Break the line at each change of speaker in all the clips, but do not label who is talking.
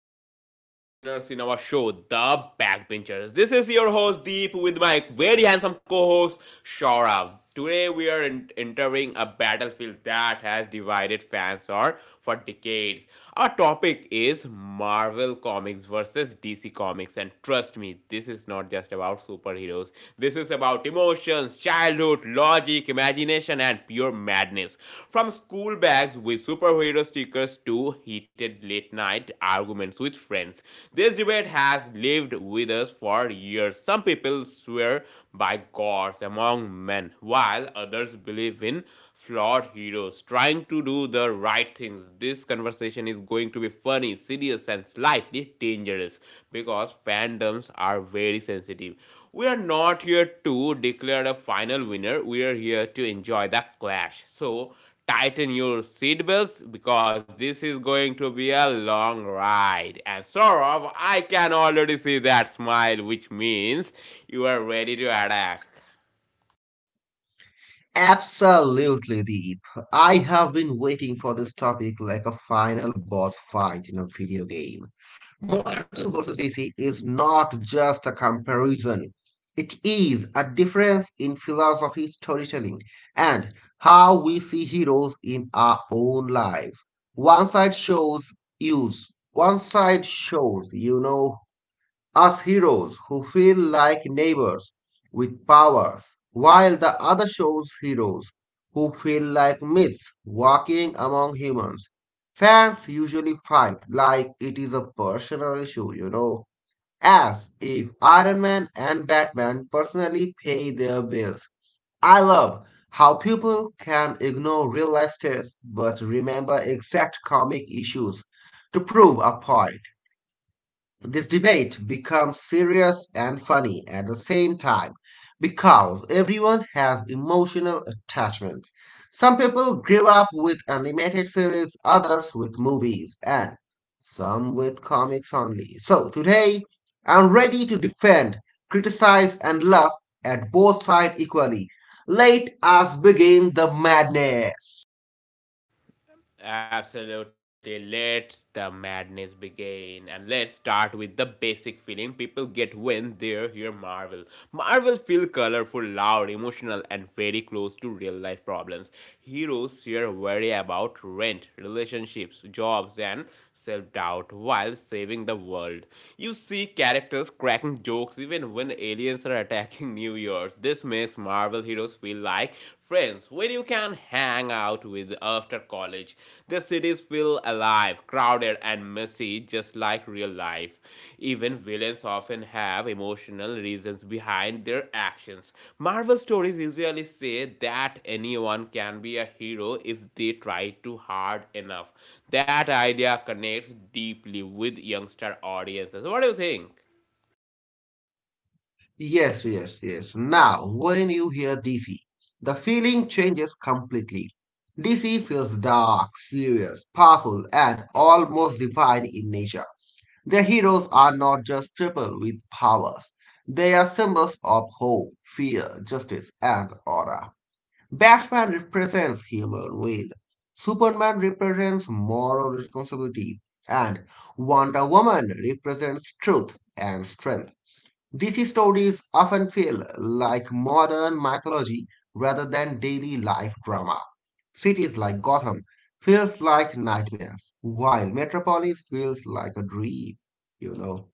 to all our listeners in our show, The Backbenchers. This is your host Deep with my very handsome co-host Shaurav. Today we are entering a battlefield that has divided fans or for decades. Our topic is Marvel Comics versus DC Comics, and trust me, this is not just about superheroes. This is about emotions, childhood, logic, imagination, and pure madness. From school bags with superhero stickers to heated late night arguments with friends. This debate has lived with us for years. Some people swear by gods among men, while others believe in flawed heroes trying to do the right things. This conversation is going to be funny, serious, and slightly dangerous because fandoms are very sensitive. We are not here to declare a final winner, we are here to enjoy the clash. So, tighten your seatbelts because this is going to be a long ride. And Saurabh, I can already see that smile, which means you are ready to attack.
Absolutely, Deep. I have been waiting for this topic like a final boss fight in a video game. Marvel versus DC is not just a comparison. It is a difference in philosophy, storytelling, and how we see heroes in our own lives. One side shows one side shows us heroes who feel like neighbors with powers, while the other shows heroes who feel like myths walking among humans. Fans usually fight like it is a personal issue, as if Iron Man and Batman personally pay their bills. I love how people can ignore real life tests but remember exact comic issues to prove a point. This debate becomes serious and funny at the same time because everyone has emotional attachment. Some people grew up with animated series, others with movies, and some with comics only. So today, I'm ready to defend, criticize, and laugh at both sides equally. Let us begin the madness.
Absolutely. Let the madness begin. And let's start with the basic feeling people get when they hear Marvel. Marvel feel colorful, loud, emotional, and very close to real life problems. Heroes here worry about rent, relationships, jobs, and self doubt while saving the world. You see characters cracking jokes even when aliens are attacking New York. This makes Marvel heroes feel like friends where you can hang out with after college. The cities feel alive, crowded, and messy, just like real life. Even villains often have emotional reasons behind their actions. Marvel stories usually say that anyone can be a hero if they try too hard enough. That idea connects deeply with youngster audiences. What do you think?
Yes, yes, yes. Now, when you hear DC, the feeling changes completely. DC feels dark, serious, powerful, and almost divine in nature. The heroes are not just people with powers. They are symbols of hope, fear, justice, and order. Batman represents human will. Superman represents moral responsibility. And Wonder Woman represents truth and strength. These stories often feel like modern mythology rather than daily life drama. Cities like Gotham feels like nightmares, while Metropolis feels like a dream, you know.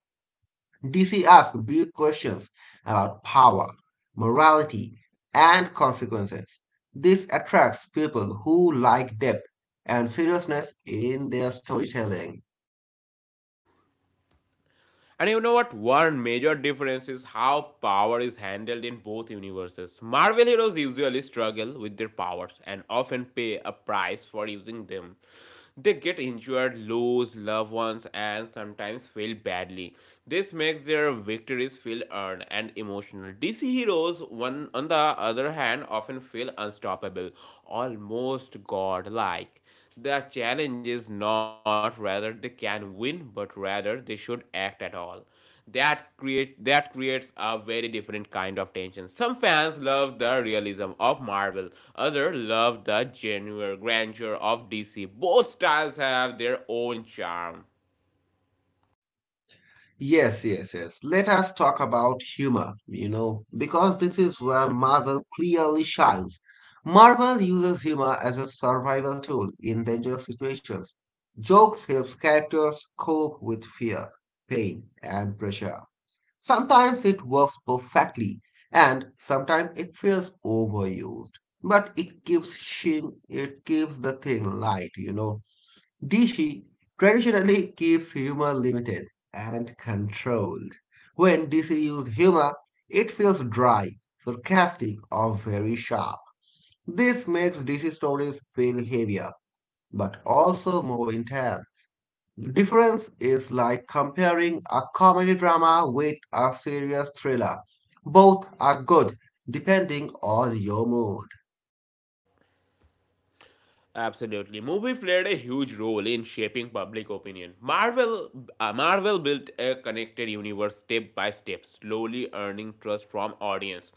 DC asks big questions about power, morality, and consequences. This attracts people who like depth and seriousness in their storytelling.
And you know what? One major difference is how power is handled in both universes. Marvel heroes usually struggle with their powers and often pay a price for using them. They get injured, lose loved ones, and sometimes fail badly. This makes their victories feel earned and emotional. DC heroes, one on the other hand, often feel unstoppable, almost godlike. The challenge is not whether they can win, but rather they should act at all. That creates a very different kind of tension. Some fans love the realism of Marvel, others love the genuine grandeur of DC. Both styles have their own charm.
Yes, yes, yes. Let us talk about humor, because this is where Marvel clearly shines. Marvel uses humor as a survival tool in dangerous situations. Jokes helps characters cope with fear, pain, and pressure. Sometimes it works perfectly, and sometimes it feels overused. But it keeps sheen, it keeps the thing light. Dishi traditionally keeps humor limited and controlled. When DC uses humor, it feels dry, sarcastic, or very sharp. This makes DC stories feel heavier, but also more intense. The difference is like comparing a comedy drama with a serious thriller. Both are good, depending on your mood.
Absolutely. Movie played a huge role in shaping public opinion. Marvel built a connected universe step by step, slowly earning trust from audience.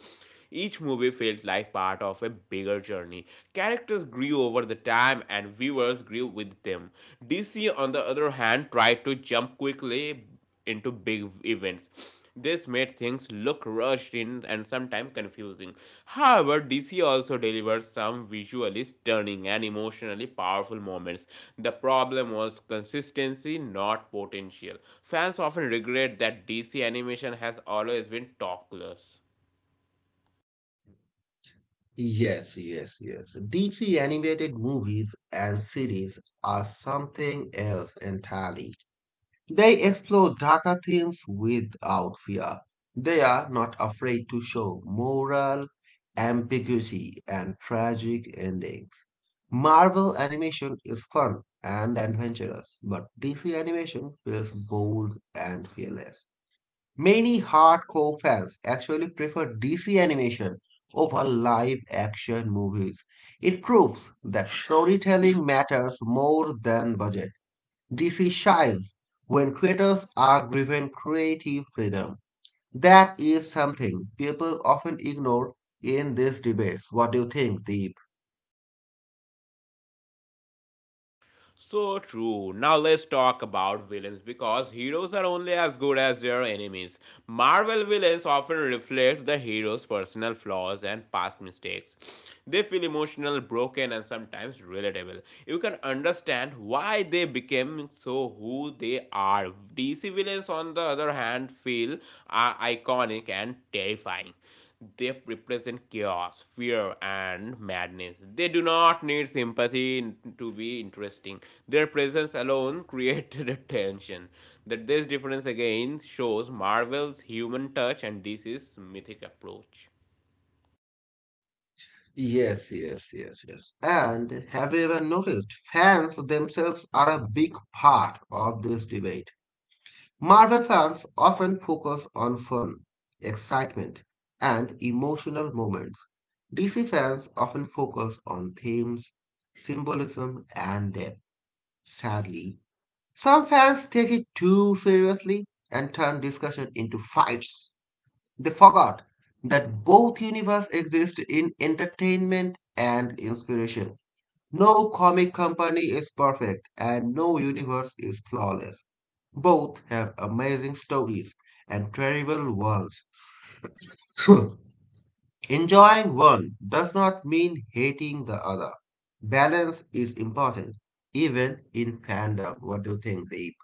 Each movie felt like part of a bigger journey. Characters grew over the time and viewers grew with them. DC on the other hand tried to jump quickly into big events. This made things look rushed in and sometimes confusing. However, DC also delivers some visually stunning and emotionally powerful moments. The problem was consistency, not potential. Fans often regret that DC animation has always been topless.
Yes, yes, yes. DC animated movies and series are something else entirely. They explore darker themes without fear. They are not afraid to show moral ambiguity and tragic endings. Marvel animation is fun and adventurous, but DC animation feels bold and fearless. Many hardcore fans actually prefer DC animation over live action movies. It proves that storytelling matters more than budget. DC shines when creators are given creative freedom. That is something people often ignore in these debates. What do you think, Deep?
So true. Now let's talk about villains because heroes are only as good as their enemies. Marvel villains often reflect the hero's personal flaws and past mistakes. They feel emotional, broken, and sometimes relatable. You can understand why they became so who they are. DC villains, on the other hand, feel are iconic and terrifying. They represent chaos, fear, and madness. They do not need sympathy to be interesting. Their presence alone created a tension. That this difference again shows Marvel's human touch and DC's mythic approach.
Yes, yes, yes, yes. And have you ever noticed fans themselves are a big part of this debate? Marvel fans often focus on fun, excitement, and emotional moments. DC fans often focus on themes, symbolism, and depth. Sadly, some fans take it too seriously and turn discussion into fights. They forgot that both universes exist in entertainment and inspiration. No comic company is perfect and no universe is flawless. Both have amazing stories and terrible worlds. Enjoying one does not mean hating the other. Balance is important, even in fandom. What do you think, Deep?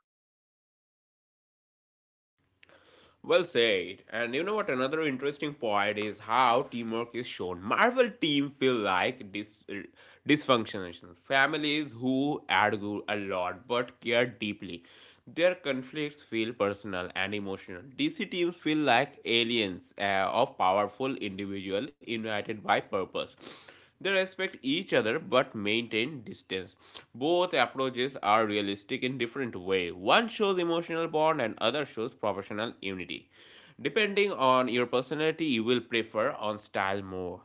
Well said. And you know what? Another interesting point is how teamwork is shown. Marvel team feel like dysfunctional families who argue a lot but care deeply. Their conflicts feel personal and emotional. DC teams feel like aliens of powerful individuals united by purpose. They respect each other but maintain distance. Both approaches are realistic in different way. One shows emotional bond and other shows professional unity. Depending on your personality, you will prefer on style more.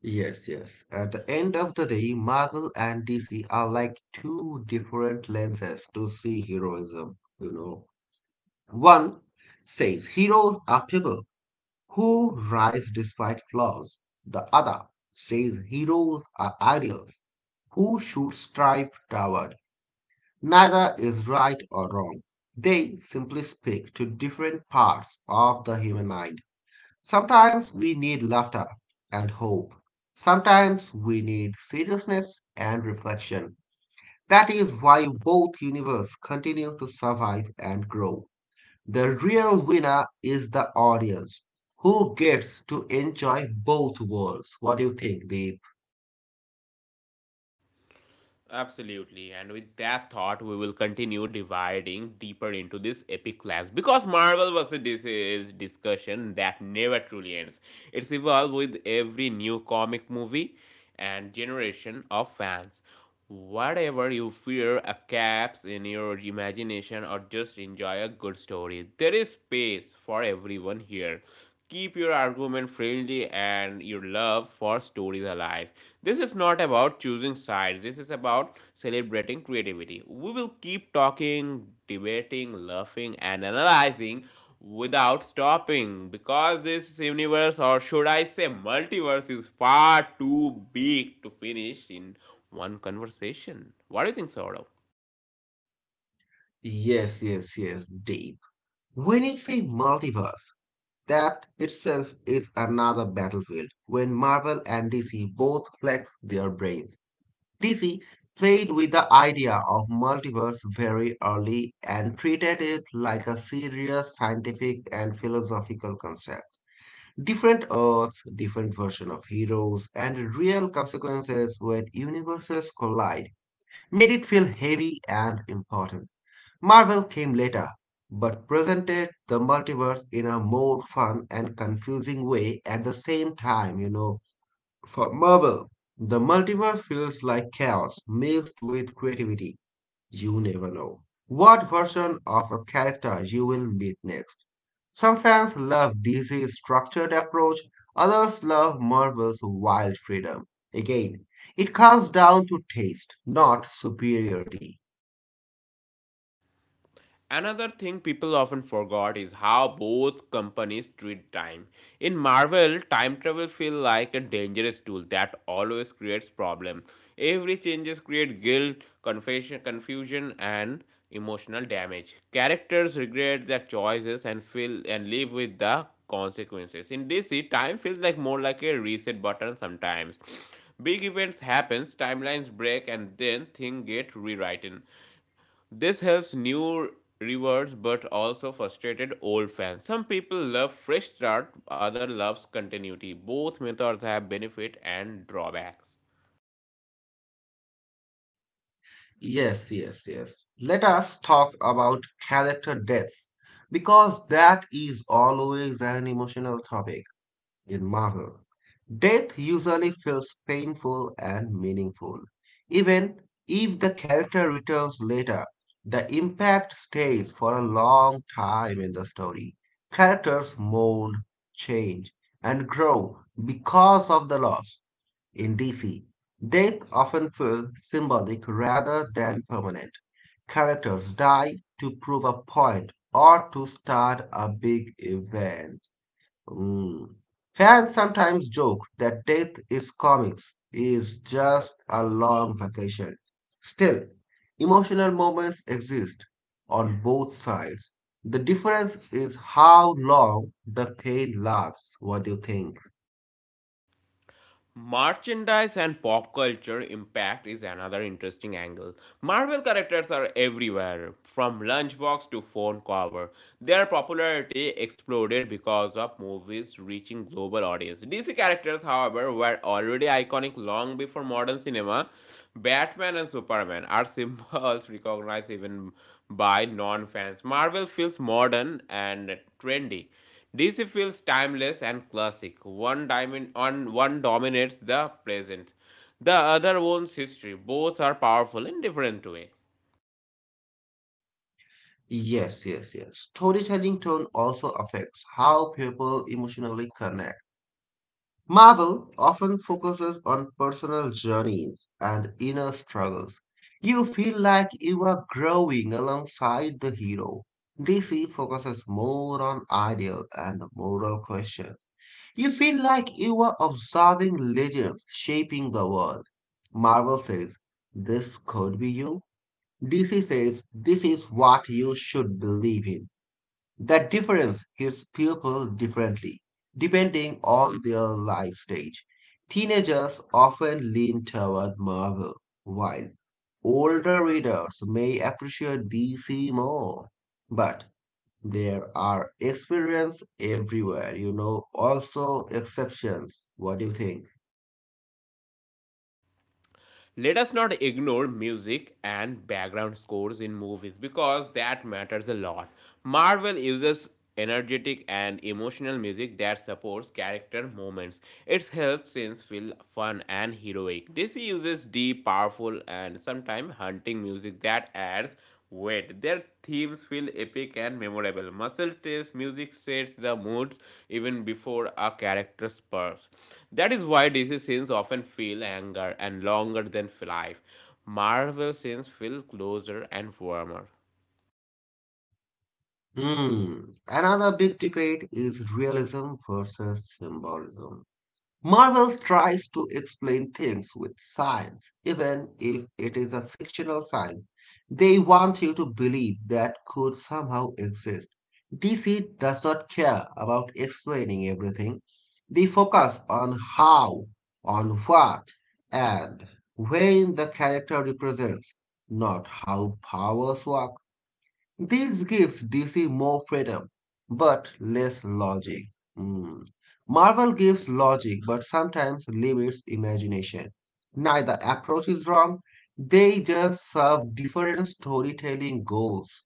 Yes, yes. At the end of the day, Marvel and DC are like two different lenses to see heroism. One says heroes are people who rise despite flaws. The other says heroes are ideals who should strive toward. Neither is right or wrong. They simply speak to different parts of the human mind. Sometimes we need laughter and hope. Sometimes we need seriousness and reflection. That is why both universes continue to survive and grow. The real winner is the audience who gets to enjoy both worlds. What do you think, Deep?
Absolutely. And with that thought, we will continue dividing deeper into this epic clash because Marvel vs. is discussion that never truly ends. It's evolved with every new comic movie and generation of fans. Whatever you fear, a caps in your imagination, or just enjoy a good story, there is space for everyone here. Keep your argument friendly and your love for stories alive. This is not about choosing sides, this is about celebrating creativity. We will keep talking, debating, laughing, and analyzing without stopping because this universe, or should I say, multiverse, is far too big to finish in one conversation. What do you think, Saurav?
Yes, yes, yes, Deep. When you say multiverse, that itself is another battlefield when Marvel and DC both flex their brains. DC played with the idea of multiverse very early and treated it like a serious scientific and philosophical concept. Different Earths, different version of heroes, and real consequences when universes collide made it feel heavy and important. Marvel came later, but presented the multiverse in a more fun and confusing way at the same time. For Marvel, the multiverse feels like chaos mixed with creativity. You never know what version of a character you will meet next. Some fans love DC's structured approach, others love Marvel's wild freedom. Again, it comes down to taste, not superiority.
Another thing people often forgot is how both companies treat time. In Marvel, time travel feels like a dangerous tool that always creates problems. Every changes create guilt, confession, confusion, and emotional damage. Characters regret their choices and feel and live with the consequences. In DC, time feels like more like a reset button sometimes. Big events happens, timelines break, and then things get rewritten. This helps new rewards but also frustrated old fans. Some people love fresh start, other loves continuity. Both methods have benefit and drawbacks.
Yes, yes, yes. Let us talk about character deaths because that is always an emotional topic. In Marvel, death usually feels painful and meaningful. Even if the character returns later, the impact stays for a long time in the story. Characters mourn, change, and grow because of the loss. In DC, death often feels symbolic rather than permanent. Characters die to prove a point or to start a big event. Mm. Fans sometimes joke that death is comics is just a long vacation. Still, emotional moments exist on both sides. The difference is how long the pain lasts. What do you think?
Merchandise and pop culture impact is another interesting angle. Marvel characters are everywhere, from lunchbox to phone cover. Their popularity exploded because of movies reaching global audience. DC characters, however, were already iconic long before modern cinema. Batman and Superman are symbols recognized even by non-fans. Marvel feels modern and trendy, DC feels timeless and classic. One dominates the present, the other owns history. Both are powerful in different way.
Yes, yes, yes. Storytelling tone also affects how people emotionally connect. Marvel often focuses on personal journeys and inner struggles. You feel like you are growing alongside the hero. DC focuses more on ideal and moral questions. You feel like you are observing legends shaping the world. Marvel says, this could be you. DC says, this is what you should believe in. That difference hits people differently, depending on their life stage. Teenagers often lean toward Marvel, while older readers may appreciate DC more. But there are experiences everywhere, also exceptions. What do you think?
Let us not ignore music and background scores in movies because that matters a lot. Marvel uses energetic and emotional music that supports character moments. It helps scenes feel fun and heroic. DC uses deep, powerful, and sometimes haunting music that adds weight. Their themes feel epic and memorable. Muscle tears, music sets the moods even before a character's birth. That is why DC scenes often feel anger and longer than life. Marvel scenes feel closer and warmer.
Hmm. Another big debate is realism versus symbolism. Marvel tries to explain things with science, even if it is a fictional science. They want you to believe that could somehow exist. DC does not care about explaining everything. They focus on how, on what, and when the character represents, not how powers work. This gives DC more freedom, but less logic. Hmm. Marvel gives logic, but sometimes limits imagination. Neither approach is wrong, they just serve different storytelling goals.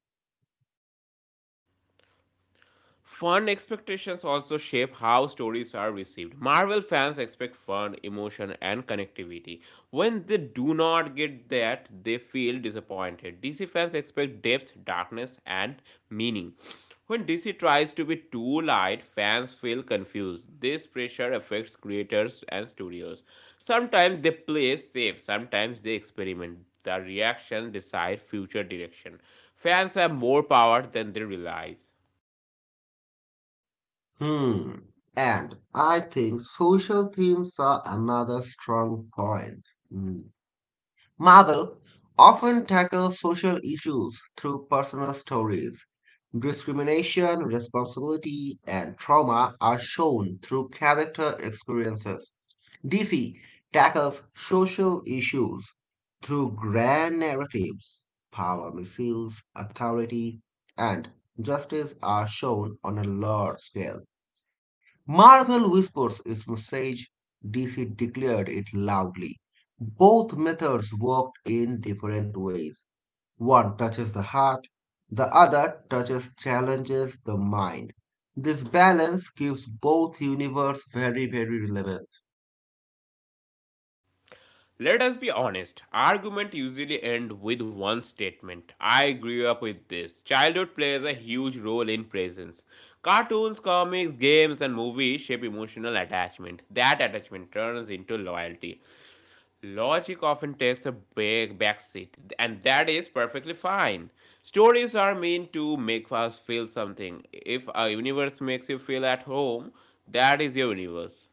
Fun expectations also shape how stories are received. Marvel fans expect fun, emotion, and connectivity. When they do not get that, they feel disappointed. DC fans expect depth, darkness, and meaning. When DC tries to be too light, fans feel confused. This pressure affects creators and studios. Sometimes they play safe, sometimes they experiment. The reaction decides future direction. Fans have more power than they realize.
Hmm. And I think social themes are another strong point. Hmm. Marvel often tackles social issues through personal stories. Discrimination, responsibility, and trauma are shown through character experiences. DC tackles social issues through grand narratives. Power misuse, authority, and justice are shown on a large scale. Marvel whispers its message, DC declared it loudly. Both methods worked in different ways. One touches the heart, the other touches challenges the mind. This balance keeps both universes very very relevant.
Let us be honest, argument usually end with one statement. I grew up with this. Childhood plays a huge role in presence. Cartoons, comics, games, and movies shape emotional attachment. That attachment turns into loyalty. Logic often takes a big backseat, and that is perfectly fine. Stories are meant to make us feel something. If a universe makes you feel at home, that is your universe.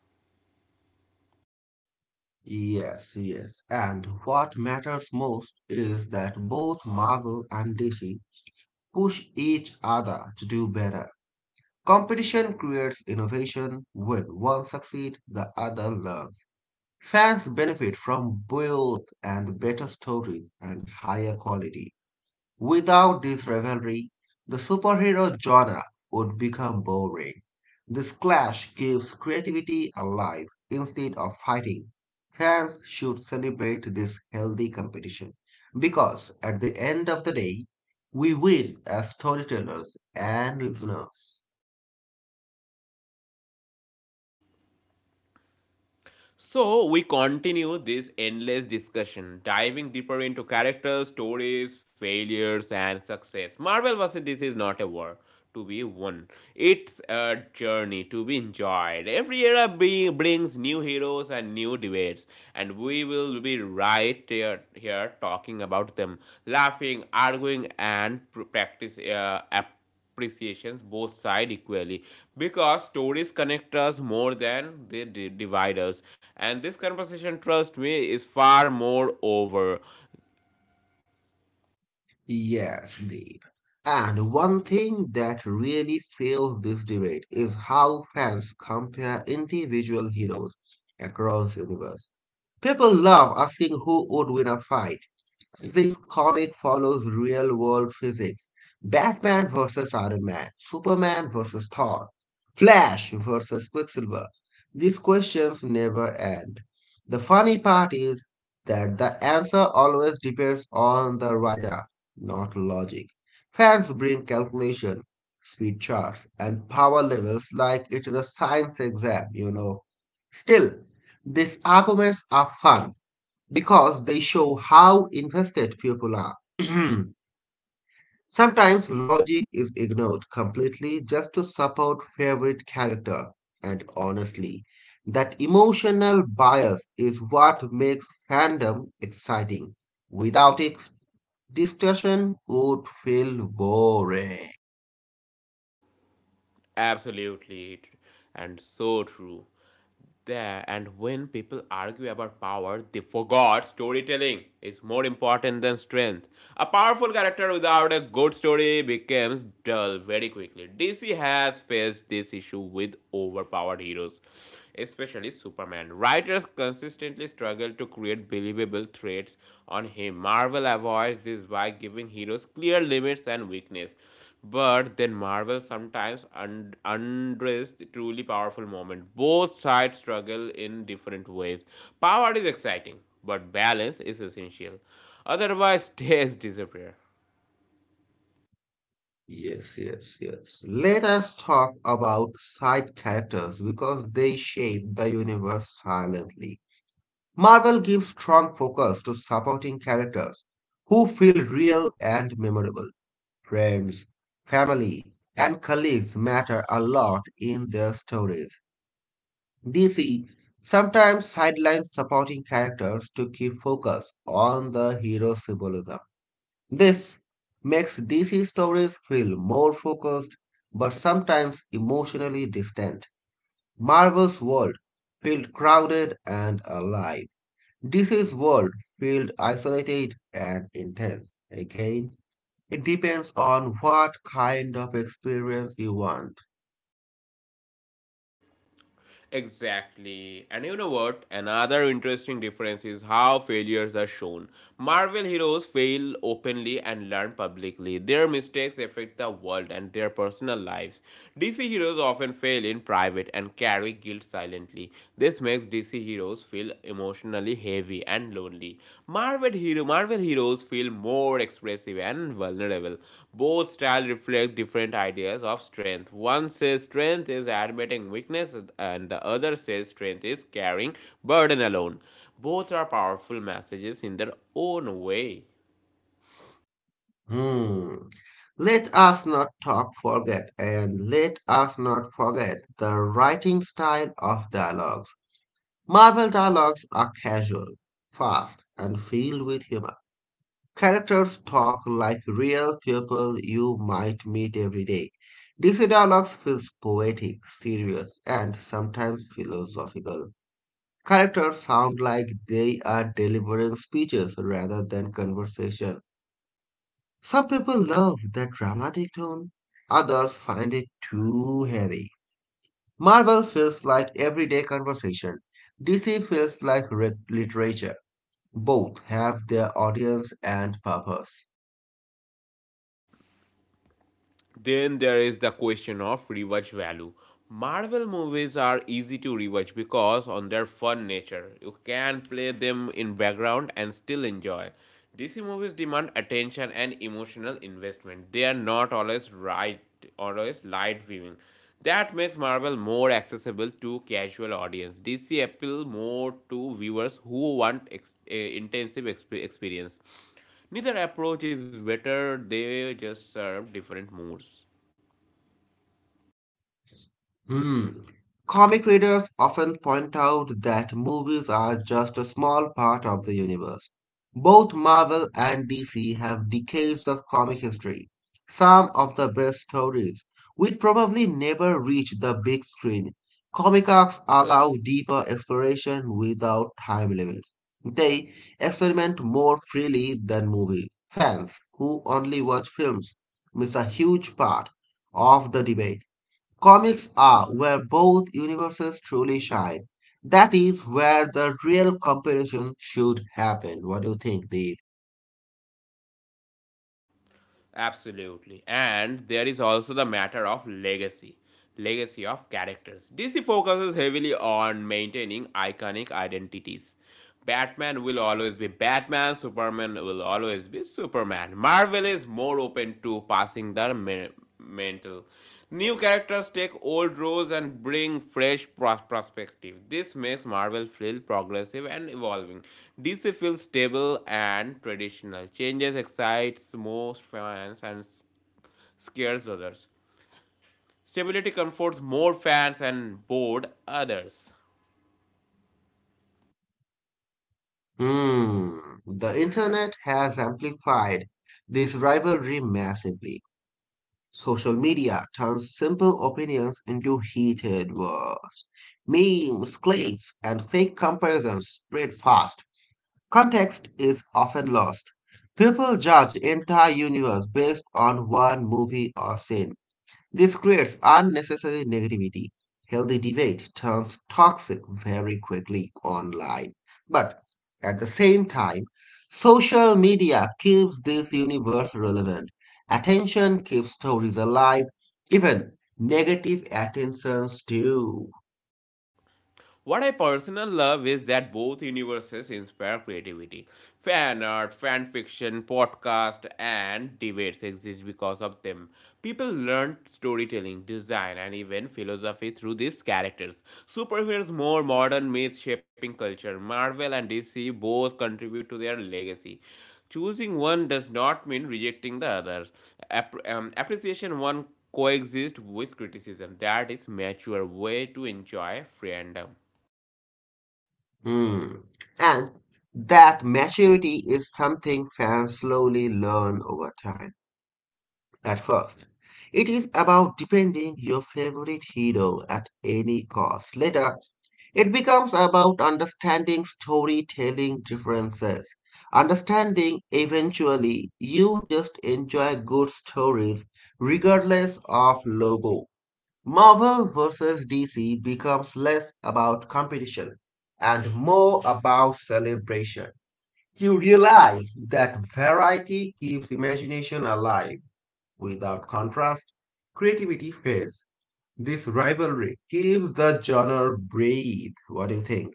Yes, yes. And what matters most is that both Marvel and DC push each other to do better. Competition creates innovation. When one succeeds, the other learns. Fans benefit from both and better stories and higher quality. Without this rivalry, the superhero genre would become boring. This clash keeps creativity alive instead of fighting. Fans should celebrate this healthy competition because at the end of the day, we win as storytellers and listeners.
So, we continue this endless discussion, diving deeper into characters, stories, failures, and success. Marvel vs. DC is not a war to be won, it's a journey to be enjoyed. Every era brings new heroes and new debates, and we will be right here talking about them, laughing, arguing, and practice appreciations both side equally because stories connect us more than they divide us and this conversation trust me is far more over.
Yes, indeed. And one thing that really fuels this debate is how fans compare individual heroes across the universe. People love asking who would win a fight, this comic follows real world physics. Batman versus Iron Man, Superman versus Thor, Flash versus Quicksilver. These questions never end. The funny part is that the answer always depends on the writer, not logic. Fans bring calculation, speed charts, and power levels like it is a science exam. Still, these arguments are fun because they show how invested people are. Sometimes logic is ignored completely just to support favorite character. And honestly, that emotional bias is what makes fandom exciting. Without it, discussion would feel boring.
Absolutely, and so true. There and when people argue about power, they forgot storytelling is more important than strength. A powerful character without a good story becomes dull very quickly. DC has faced this issue with overpowered heroes, especially Superman. Writers consistently struggle to create believable traits on him. Marvel avoids this by giving heroes clear limits and weakness. But then Marvel sometimes undressed the truly powerful moment. Both sides struggle in different ways. Power is exciting, but balance is essential. Otherwise, stakes disappear.
Yes, yes, yes. Let us talk about side characters because they shape the universe silently. Marvel gives strong focus to supporting characters who feel real and memorable. Friends, family, and colleagues matter a lot in their stories. DC sometimes sidelines supporting characters to keep focus on the hero symbolism. This makes DC stories feel more focused but sometimes emotionally distant. Marvel's world felt crowded and alive. This is world feel isolated and intense. Again, it depends on what kind of experience you want.
Exactly. And you know what? Another interesting difference is how failures are shown. Marvel heroes fail openly and learn publicly. Their mistakes affect the world and their personal lives. DC heroes often fail in private and carry guilt silently. This makes DC heroes feel emotionally heavy and lonely. Marvel heroes feel more expressive and vulnerable. Both styles reflect different ideas of strength. One says strength is admitting weakness and the other says strength is carrying burden alone. Both are powerful messages in their own way.
Hmm. Let us not forget the writing style of dialogues. Marvel dialogues are casual, fast, and filled with humor. Characters talk like real people you might meet every day. Dixie Dialogues feels poetic, serious, and sometimes philosophical. Characters sound like they are delivering speeches rather than conversation. Some people love that dramatic tone, others find it too heavy. Marvel feels like everyday conversation. DC feels like literature. Both have their audience and purpose.
Then there is the question of rewatch value. Marvel movies are easy to rewatch because on their fun nature. You can play them in background and still enjoy. DC movies demand attention and emotional investment. They are not always light viewing. That makes Marvel more accessible to casual audience. DC appeal more to viewers who want intensive experience. Neither approach is better, they just serve different moods.
Mm. Comic readers often point out that movies are just a small part of the universe. Both Marvel and DC have decades of comic history, some of the best stories, which probably never reach the big screen. Comic arcs allow deeper exploration without time limits. They experiment more freely than movies. Fans who only watch films miss a huge part of the debate. Comics are where both universes truly shine. That is where the real comparison should happen. What do you think, Deep?
Absolutely. And there is also the matter of legacy. Legacy of characters. DC focuses heavily on maintaining iconic identities. Batman will always be Batman, Superman will always be Superman. Marvel is more open to passing the mantle. New characters take old roles and bring fresh perspective. This makes Marvel feel progressive and evolving. DC feels stable and traditional. Changes excites most fans and scares others. Stability comforts more fans and bored others.
Hmm. The internet has amplified this rivalry massively. Social media turns simple opinions into heated wars. Memes, clips, and fake comparisons spread fast. Context is often lost. People judge entire universe based on one movie or scene. This creates unnecessary negativity. Healthy debate turns toxic very quickly online. But at the same time, social media keeps this universe relevant. Attention keeps stories alive, even negative attentions too.
What I personally love is that both universes inspire creativity. Fan art, fan fiction, podcast, and debates exist because of them. People learn storytelling, design, and even philosophy through these characters. Superheroes, more modern myths shaping culture. Marvel and DC both contribute to their legacy. Choosing one does not mean rejecting the other. Appreciation one coexist with criticism. That is mature way to enjoy fandom.
Hmm. And that maturity is something fans slowly learn over time. At first, it is about defending your favorite hero at any cost. Later, it becomes about understanding storytelling differences. Understanding eventually, you just enjoy good stories regardless of logo. Marvel versus DC becomes less about competition and more about celebration. You realize that variety keeps imagination alive. Without contrast, creativity fades. This rivalry gives the genre breathe. What do you think?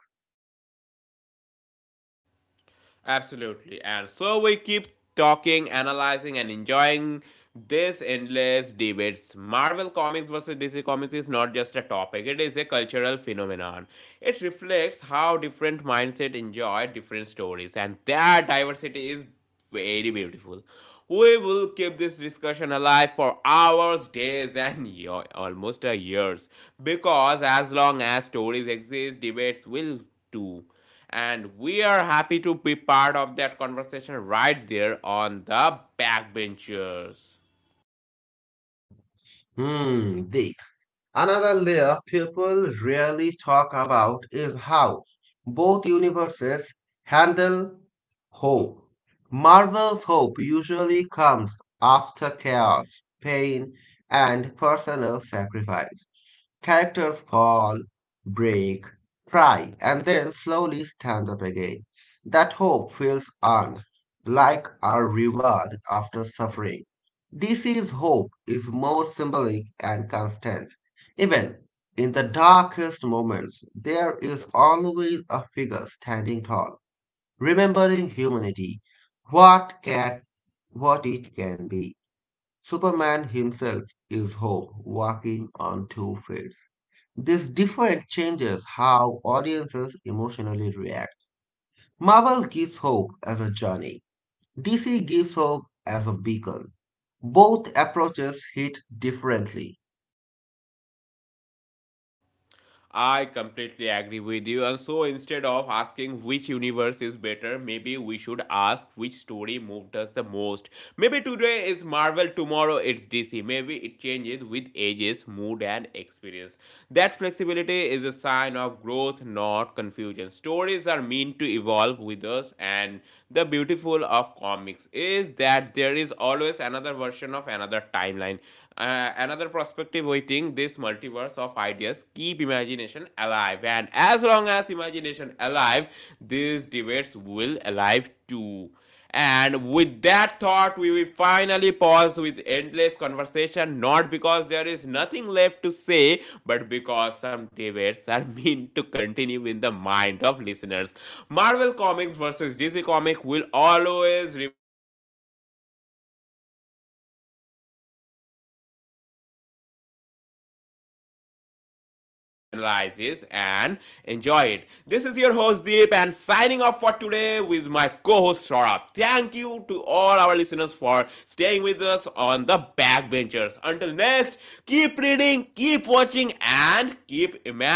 Absolutely. And so we keep talking, analyzing, and enjoying this endless debates. Marvel Comics versus DC Comics is not just a topic, it is a cultural phenomenon. It reflects how different mindset enjoy different stories, and that diversity is very beautiful. We will keep this discussion alive for hours, days, and almost a years because as long as stories exist, debates will too. And we are happy to be part of that conversation right there on the backbenchers.
Hmm, deep. Another layer people rarely talk about is how both universes handle hope. Marvel's hope usually comes after chaos, pain, and personal sacrifice. Character fall, break, cry, and then slowly stands up again. That hope feels earned, like a reward after suffering. DC's hope is more symbolic and constant. Even in the darkest moments, there is always a figure standing tall, remembering humanity, what can, what it can be. Superman himself is hope walking on 2 feet. This difference changes how audiences emotionally react. Marvel gives hope as a journey, DC gives hope as a beacon. Both approaches hit differently.
I completely agree with you. And so instead of asking which universe is better, maybe we should ask which story moved us the most. Maybe today is Marvel, tomorrow it's DC. Maybe it changes with ages, mood, and experience. That flexibility is a sign of growth, not confusion. Stories are meant to evolve with us, and the beautiful of comics is that there is always another version of another timeline, another perspective waiting this multiverse of ideas. Keep imagination alive, and as long as imagination alive, these debates will alive too. And with that thought, we will finally pause with endless conversation, not because there is nothing left to say, but because some debates are meant to continue in the mind of listeners. Marvel Comics versus DC legacy comic will always remain a legacy clash, and we will always be here to talk about it, analyze it, and enjoy it. This is your host Deep, and signing off for today with my co-host Saurabh. Thank you to all our listeners for staying with us on the backbenchers. Until next, keep reading, keep watching, and keep imagining.